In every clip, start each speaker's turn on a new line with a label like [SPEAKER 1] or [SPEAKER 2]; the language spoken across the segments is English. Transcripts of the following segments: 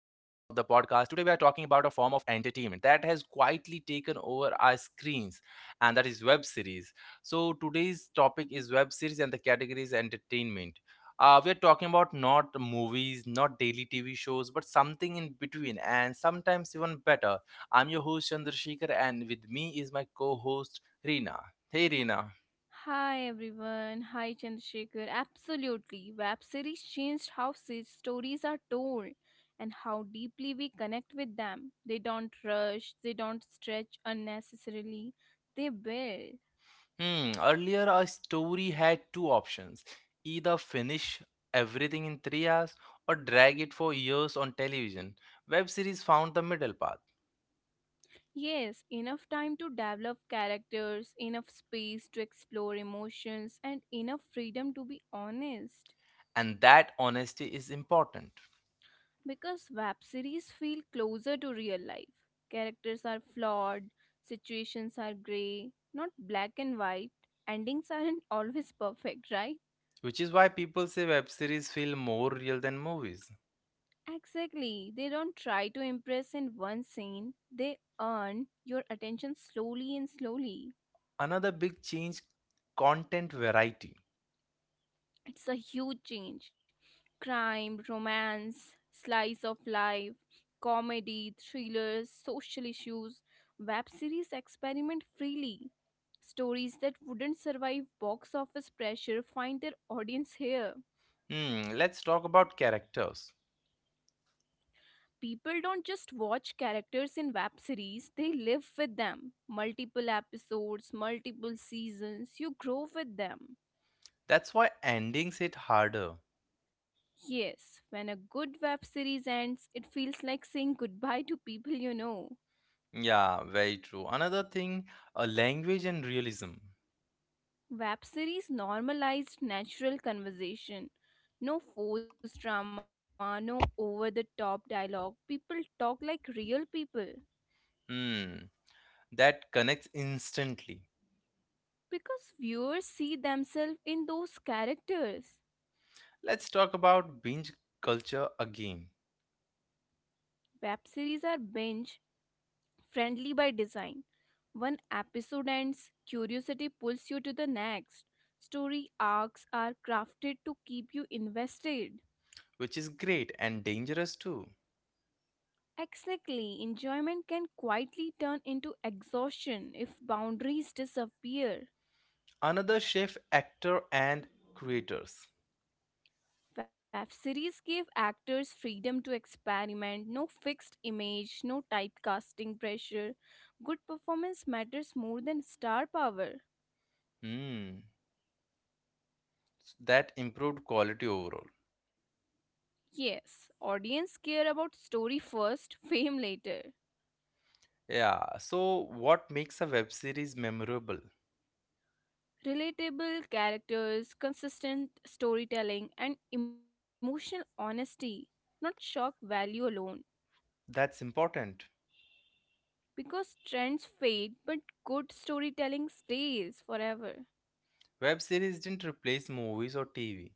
[SPEAKER 1] Today, we are talking about a form of entertainment that has quietly taken over our screens, and that is web series. So, today's topic is web series, and the category is entertainment. We are talking about not movies, not daily TV shows, but something in between, and sometimes even better. I'm your host, Chandrasekhar, and with me is my co host, Reena. Hey, Reena. Hmm, earlier a story had two options, either finish everything in 3 hours or drag it for years on television. Web series found the middle path, and that honesty is important, which is why people say web series feel more real than movies. Another big change, content variety. Hmm, let's talk about characters. That's why endings hit harder. Yeah, very true. Another thing, a language and realism. Hmm, that connects instantly. Let's talk about binge culture again, which is great and dangerous too. Another shift, actor and creators. Hmm, that improved quality overall. Yeah, so what makes a web series memorable? That's important. Web series didn't replace movies or TV.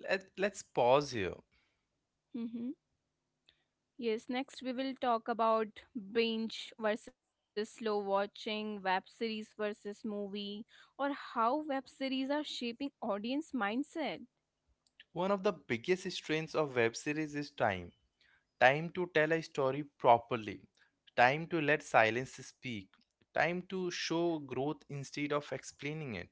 [SPEAKER 1] Let's pause here. One of the biggest strengths of web series is time. Time to tell a story properly, time to let silence speak, time to show growth instead of explaining it.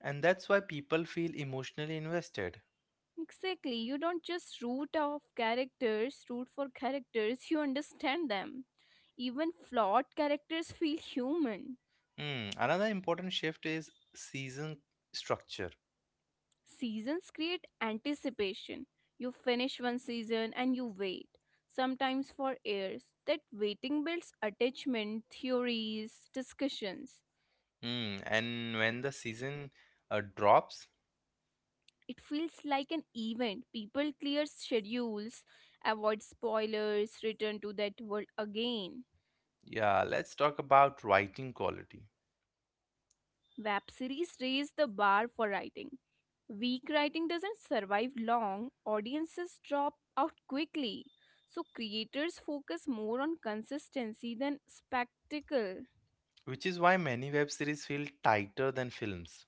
[SPEAKER 1] And that's why people feel emotionally invested. Hmm, another important shift is season structure. Hmm, and when the season drops, yeah, let's talk about writing quality, which is why many web series feel tighter than films.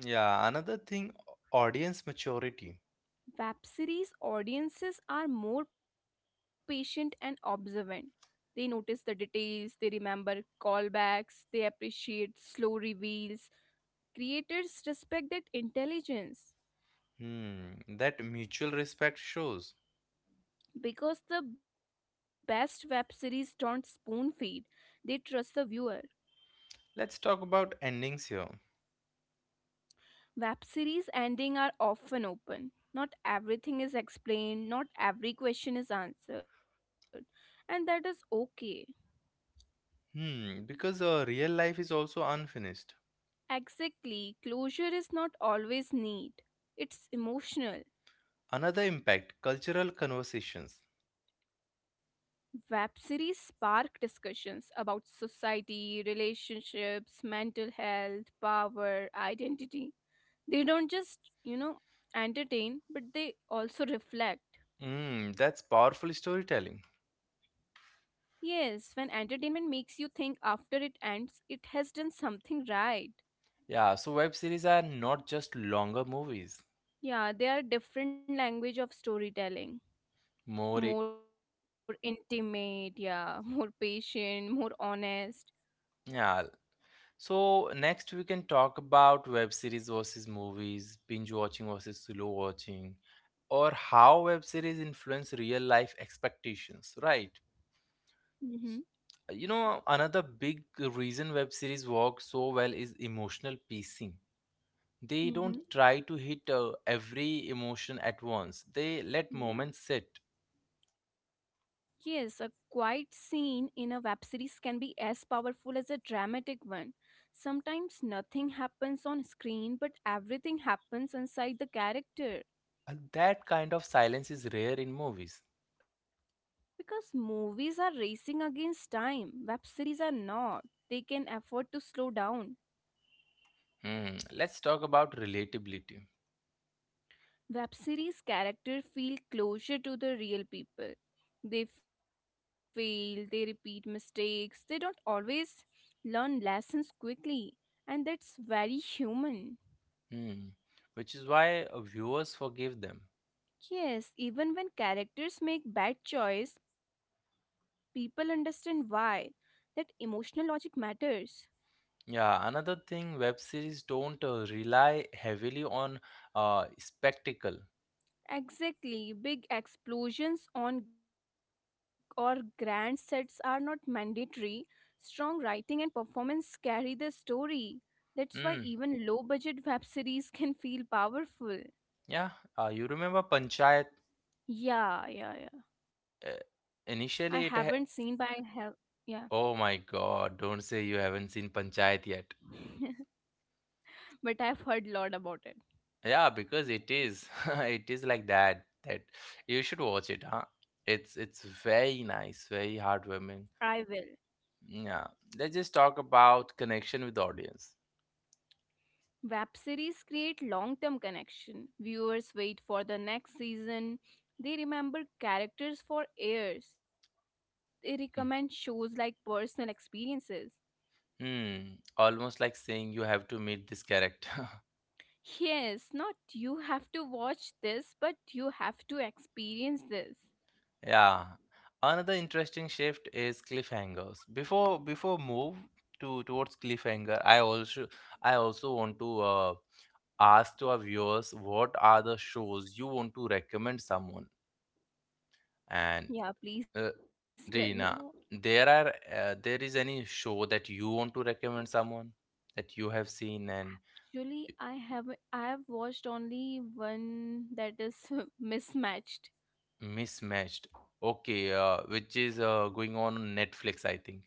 [SPEAKER 1] Yeah, another thing, audience maturity. Hmm, that mutual respect shows. Let's talk about endings here. Hmm, because real life is also unfinished. Another impact, cultural conversations. Hmm, that's powerful storytelling. Yeah, so web series are not just longer movies. More, i- yeah. So next we can talk about web series versus movies, binge watching versus slow watching, or how web series influence real life expectations, right? You know, another big reason web series work so well is emotional pacing. They don't try to hit every emotion at once. They let moments sit. And that kind of silence is rare in movies. Hmm. Let's talk about relatability. Hmm. Which is why viewers forgive them. Yeah, another thing, web series don't rely heavily on spectacle. Hmm. Yeah, you remember Panchayat? Uh, initially it ha Oh my God, don't say you haven't seen Panchayat yet. Yeah, because it is. It is like that you should watch it, huh? It's very nice, very heartwarming. Yeah. Let's just talk about connection with the audience. Hmm. Almost like saying you have to meet this character. Yeah. Another interesting shift is cliffhangers. Before move to towards cliffhanger, I also want to ask to our viewers what are the shows you want to recommend someone and uh, Reena, there is any show that you want to recommend someone that you have seen and mismatched, okay, which is going on Netflix I think,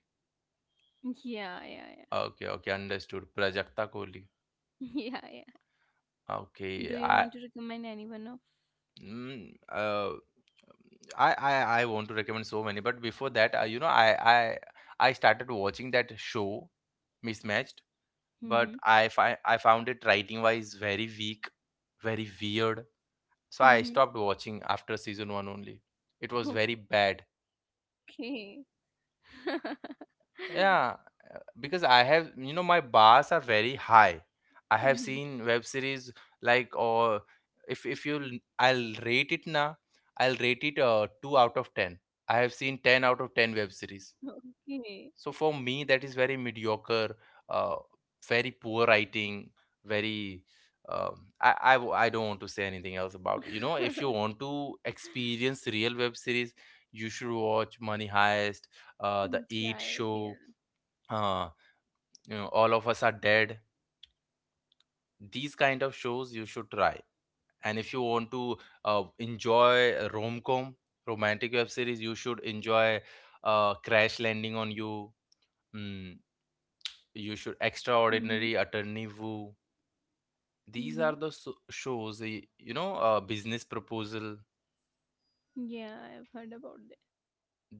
[SPEAKER 1] okay okay, understood. Prajakta Kohli. Okay. I, mm, uh, I, I I want to recommend so many, but before that you know, I started watching that show mismatched, but I found it writing wise very weak, very weird. So I stopped watching after season one only. It was very bad. Yeah, because I have, you know, my bars are very high. I have seen web series like, or if you will, I'll rate it now. I'll rate it two out of ten. I have seen ten out of ten web series. So for me, that is very mediocre, uh, very poor writing, very. I don't want to say anything else about it. You know, if you want to experience real web series, you should watch Money Heist, The Eight Show, uh, you know, All of Us Are Dead. These kind of shows you should try. And if you want to enjoy rom-com, romantic web series, you should enjoy Crash Landing on You. Hmm. You should extraordinary attorney woo, these are the shows, you know, business proposal,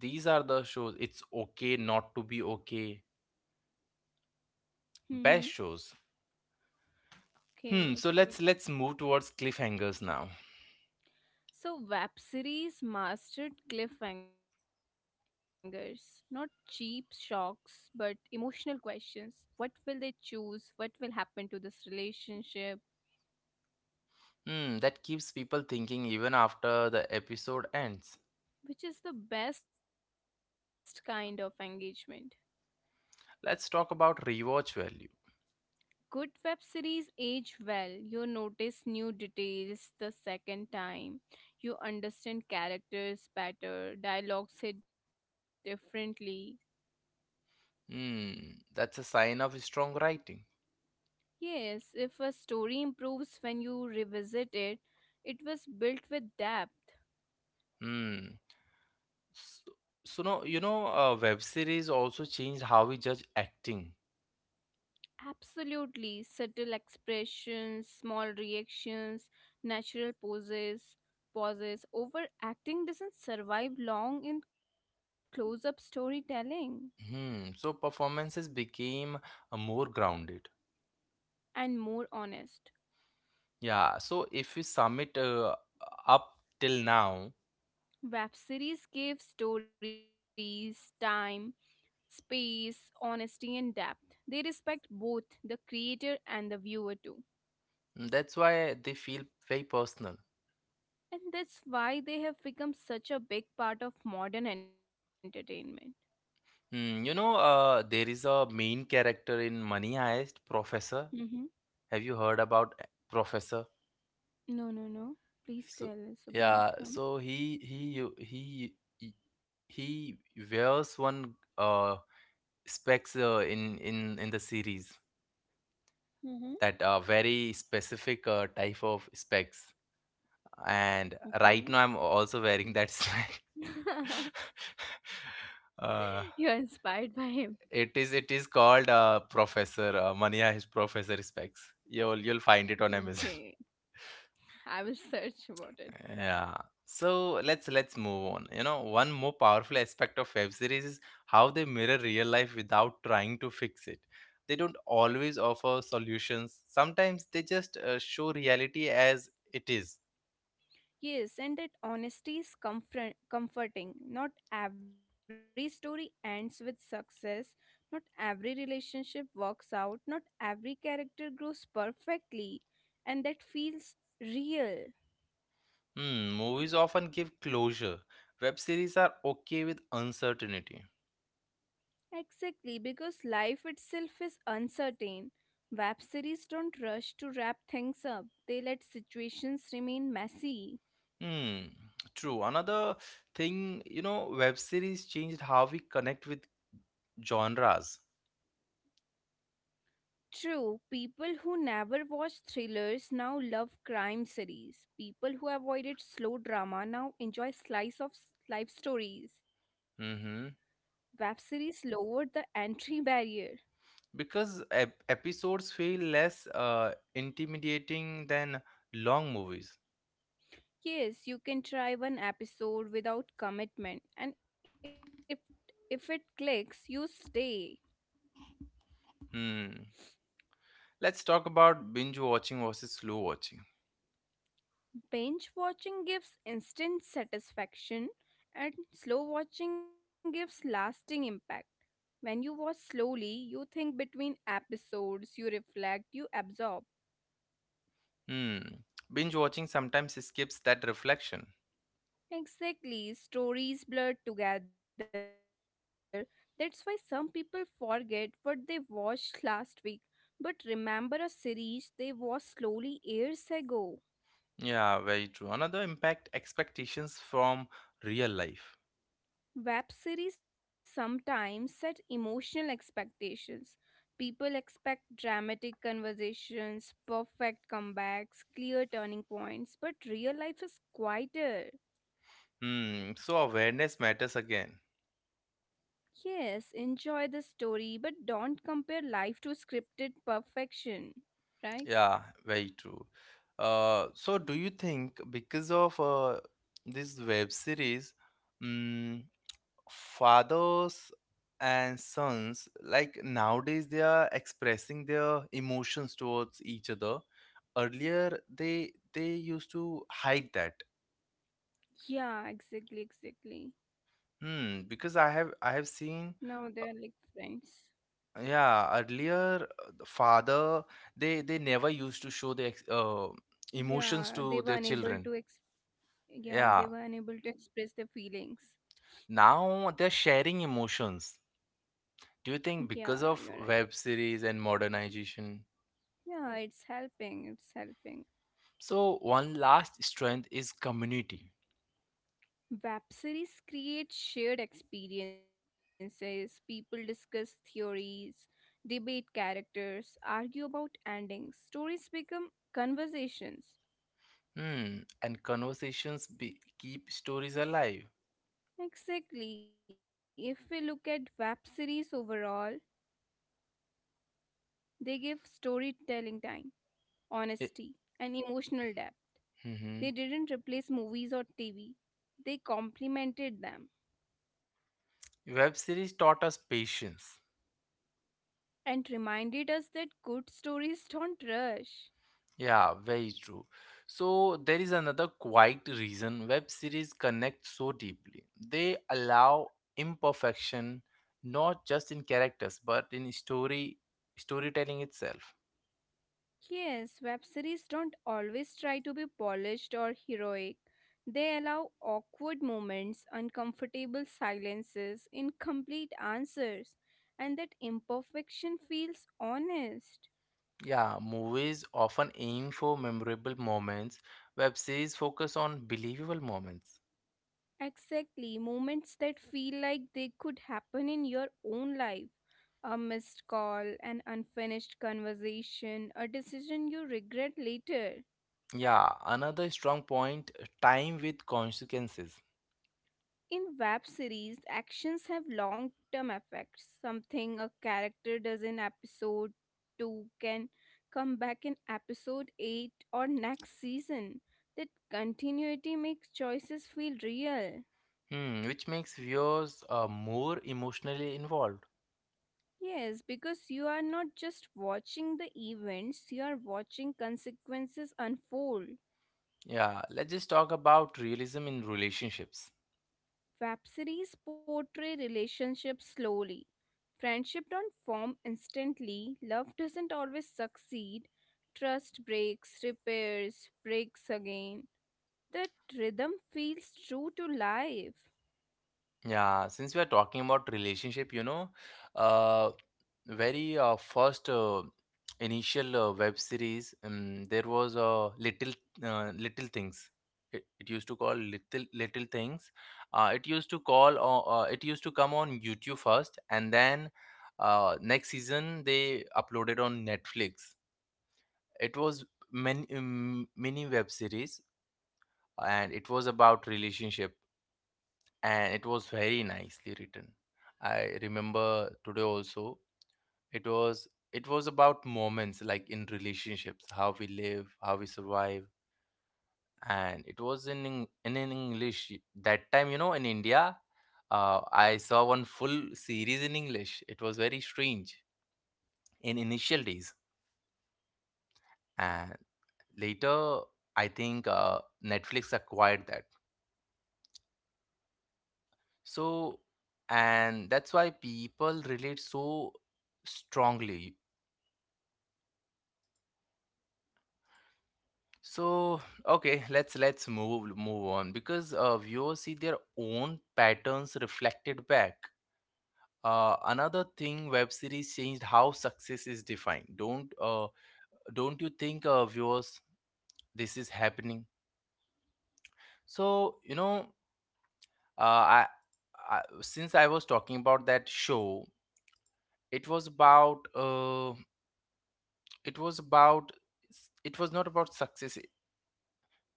[SPEAKER 1] these are the shows, it's okay not to be okay, best shows. Hmm, so let's move towards cliffhangers now. Hmm, that keeps people thinking even after the episode ends. Let's talk about rewatch value. Hmm, that's a sign of strong writing. Hmm. so, so no you know, web series also changed how we judge acting. Hmm. So performances became more grounded. Yeah. So if we sum it up till now, mm, that's why they feel very personal. Hmm. You know, there is a main character in Money Heist, Professor. Have you heard about Professor? So yeah. So he u- he wears one specs in the series that are very specific type of specs, and right now I'm also wearing that sweat. uh, it is called Professor Mania. His Professor specs. You'll find it on Amazon. Yeah. So let's move on. You know, one more powerful aspect of web series is how they mirror real life without trying to fix it. They don't always offer solutions. Sometimes they just show reality as it is. Hmm, movies often give closure. Web series are okay with uncertainty. Hmm, true. Another thing, you know, web series changed how we connect with genres. Mm-hmm. Because episodes feel less intimidating than long movies. Hmm. Let's talk about binge watching versus slow watching. Hmm. Binge watching sometimes skips that reflection. Yeah, very true. Another impact, expectations from real life. Hmm, so awareness matters again. Yeah, very true. So do you think because of this web series, mm, fathers and sons, like nowadays they are expressing their emotions towards each other. Earlier they used to hide that. Hmm, because I have seen. Yeah, earlier the father, they never used to show their emotions to their children. Yeah, now they're sharing emotions. Do you think because of web series and modernization? So one last strength is community. Hmm, and keep stories alive. Eh, mhm. Web series taught us patience. Yeah, very true. So there is another quiet reason web series connect so deeply. They allow imperfection, not just in characters but in storytelling itself. Yeah, movies often aim for memorable moments. Web series focus on believable moments. Yeah, another strong point, time with consequences. Hmm, which makes viewers more emotionally involved. Yeah, let's just talk about realism in relationships. Yeah, since we are talking about relationship, you know, uh, very first initial web series, there was a little little things. It used to call little little things. It used to come on YouTube first, and then next season they uploaded on Netflix. It was many mini web series, and it was about relationship, and it was very nicely written. I remember today also. It was about moments, like, in relationships how we live, how we survive. And it was in in english that time, you know, in india. I saw one full series in english. It was very strange in initial days. And later I think netflix acquired that. So, and that's why people relate so strongly. So, okay, let's move on, because viewers see their own patterns reflected back. Another thing, web series changed how success is defined. Don't you think, viewers, this is happening? So you know, uh, I, I since I was talking about that show, it was about it was about it was not about success.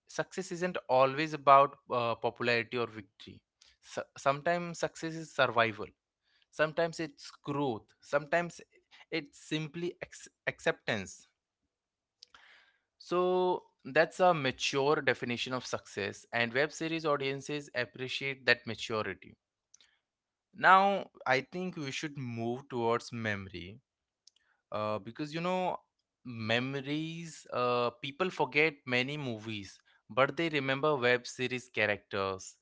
[SPEAKER 1] Success isn't always about popularity or victory. So, sometimes success is survival, sometimes it's growth, sometimes it's simply acceptance. So that's a mature definition of success, and web series audiences appreciate that maturity. Now I think we should move towards memory. Because you know, memories, people forget many movies, but they remember web series characters.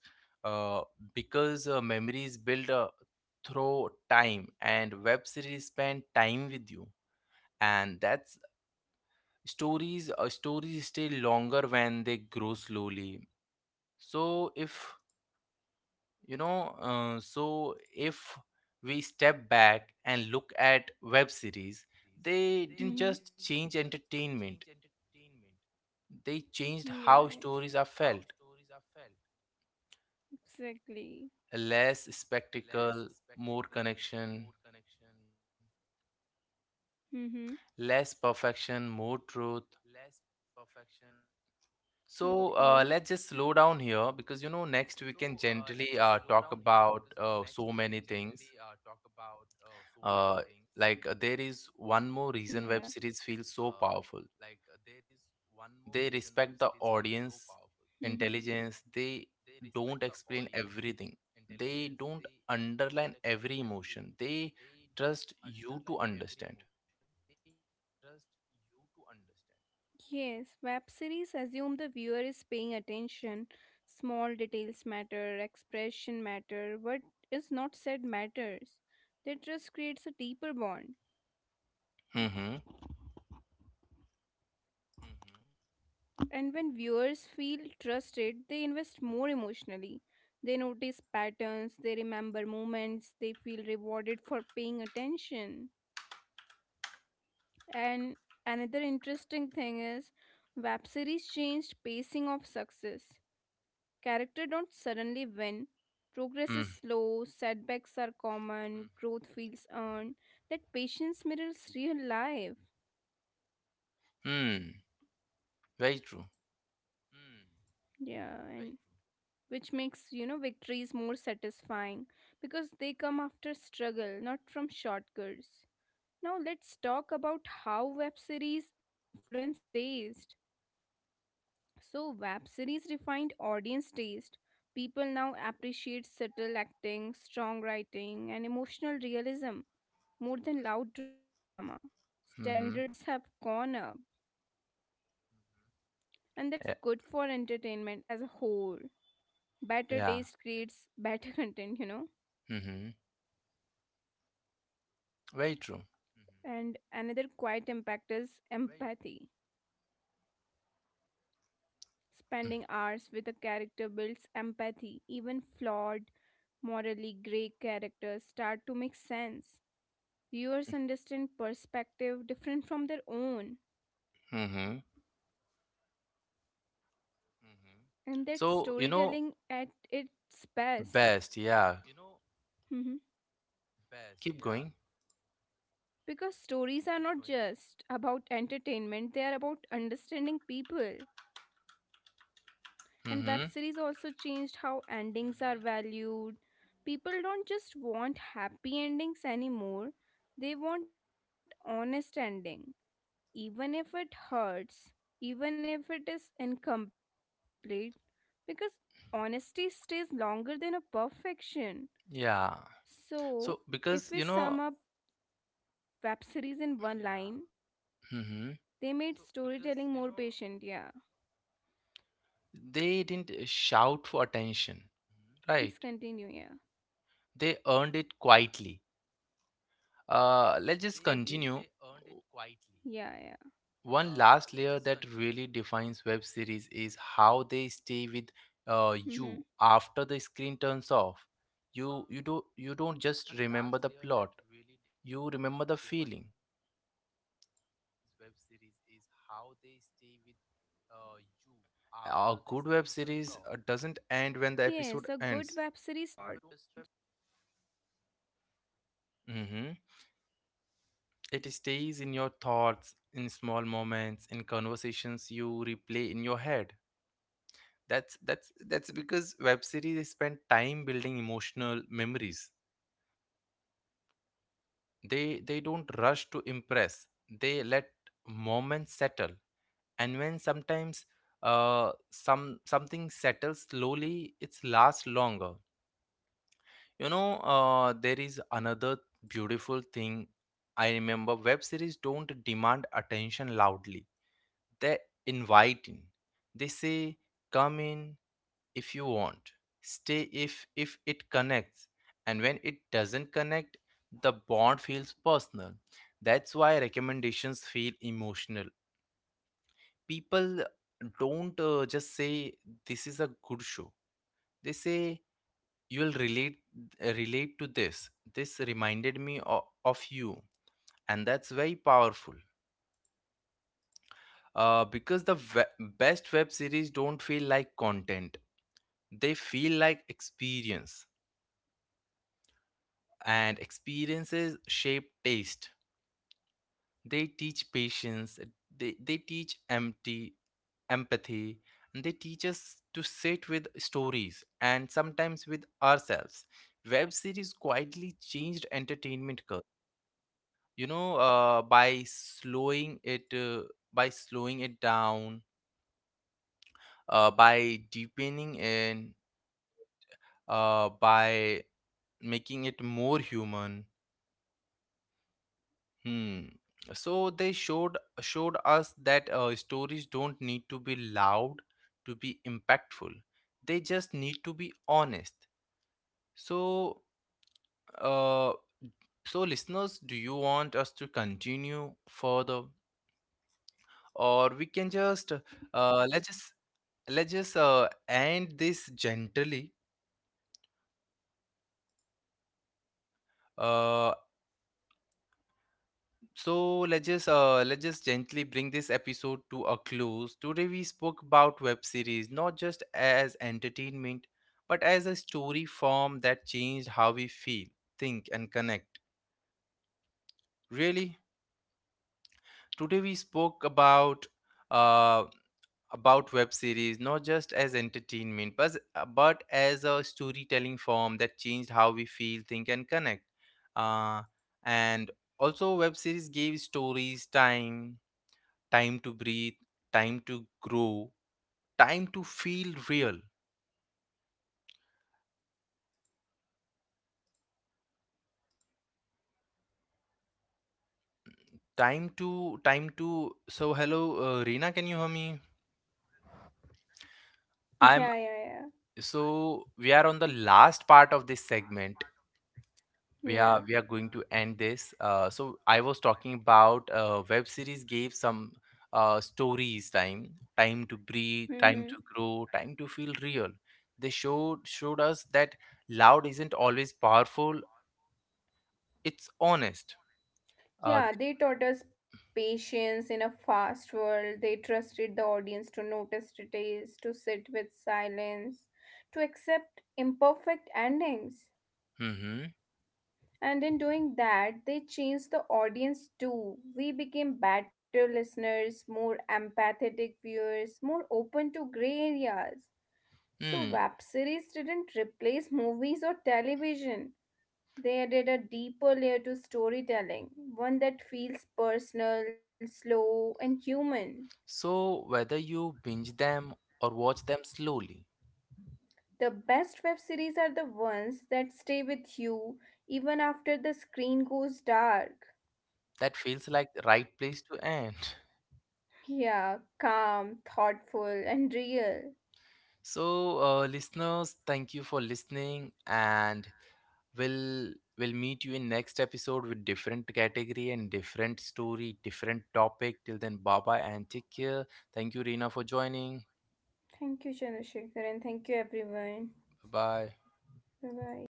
[SPEAKER 1] uh, because memories build through time, and web series spend time with you. And that's stories stay longer when they grow slowly. So if you know, so if we step back and look at web series, they didn't just change entertainment. They changed how stories are felt. Less spectacle, more connection, less perfection, more truth. So let's just slow down here, because you know, next we can gently talk about so many things. Uh, there is one more reason web series feels so powerful. They respect the audience intelligence. They don't explain everything. They don't underline every emotion. They trust you to understand. Mm-hmm. Mm-hmm. Very true. Mm-hmm. Yeah, yeah. Mm-hmm. Very true. Mm-hmm. so you know Best. Yeah, keep going. Mm-hmm. Yeah. so because you know Mm-hmm. They didn't shout for attention, right, they earned it quietly. Let's just continue. One last layer that really defines web series is how they stay with you after the screen turns off. You don't just remember the plot. You remember the feeling. A good web series doesn't end when the episode ends. Hmm. It stays in your thoughts, in small moments, in conversations you replay in your head. That's because web series spend time building emotional memories. They don't rush to impress, they let moments settle, and when sometimes something settles slowly, it's lasts longer. There is another beautiful thing I remember: web series don't demand attention loudly, they invite in. They say come in if you want, stay if it connects, and when it doesn't connect, the bond feels personal. That's why recommendations feel emotional. People don't just say this is a good show, they say you'll relate to this, this reminded me of you, and that's very powerful. Because the best web series don't feel like content, they feel like experience, and experiences shape taste. They teach patience, they teach empty empathy, and they teach us to sit with stories and sometimes with ourselves. Web series quietly changed entertainment culture, by slowing it down, by deepening in, by making it more human. Hmm. So they showed us that stories don't need to be loud to be impactful. They just need to be honest. So, uh, so, listeners, do you want us to continue further, or we can just let's just let's just end this gently. Uh, So let's just gently bring this episode to a close. Today we spoke about web series not just as entertainment, but as a story form that changed how we feel, think, and connect. Really, today we spoke about uh, about web series not just as entertainment, but as a storytelling form that changed how we feel, think, and connect. Uh, and also, web series gave stories time, time to breathe, time to grow, time to feel real, time to, time to. So hello, Reena, can you hear me? I'm,
[SPEAKER 2] Yeah, yeah, yeah.
[SPEAKER 1] so we are on the last part of this segment. We are
[SPEAKER 2] Yeah.
[SPEAKER 1] going to end this. So I was talking about web series gave some stories time, time to breathe, time
[SPEAKER 2] Mm-hmm.
[SPEAKER 1] to grow, time to feel real. They showed us that loud isn't always powerful, it's honest. uh, the-
[SPEAKER 2] Yeah, they taught us patience in a fast world. They trusted the audience to notice details, to sit with silence, to accept imperfect endings.
[SPEAKER 1] Mhm.
[SPEAKER 2] And in doing that, they changed the audience too. We became better listeners, more empathetic viewers, more open to gray areas. So,
[SPEAKER 1] Hmm.
[SPEAKER 2] web series didn't replace movies or television. They added a deeper layer to storytelling, one that feels personal, slow, and human.
[SPEAKER 1] So, whether you binge them or watch them slowly,
[SPEAKER 2] The best web series are the ones that stay with you even after the screen goes dark.
[SPEAKER 1] that feels like the right place to end.
[SPEAKER 2] Yeah, calm, thoughtful, and real.
[SPEAKER 1] So, listeners, thank you for listening, and we'll meet you in next episode with different category and different story, different topic. Till then, bye bye and take care. Thank you, Reena, for joining.
[SPEAKER 2] Thank you, Chandrasekhar, and thank you, everyone.
[SPEAKER 1] Bye bye.
[SPEAKER 2] Bye bye.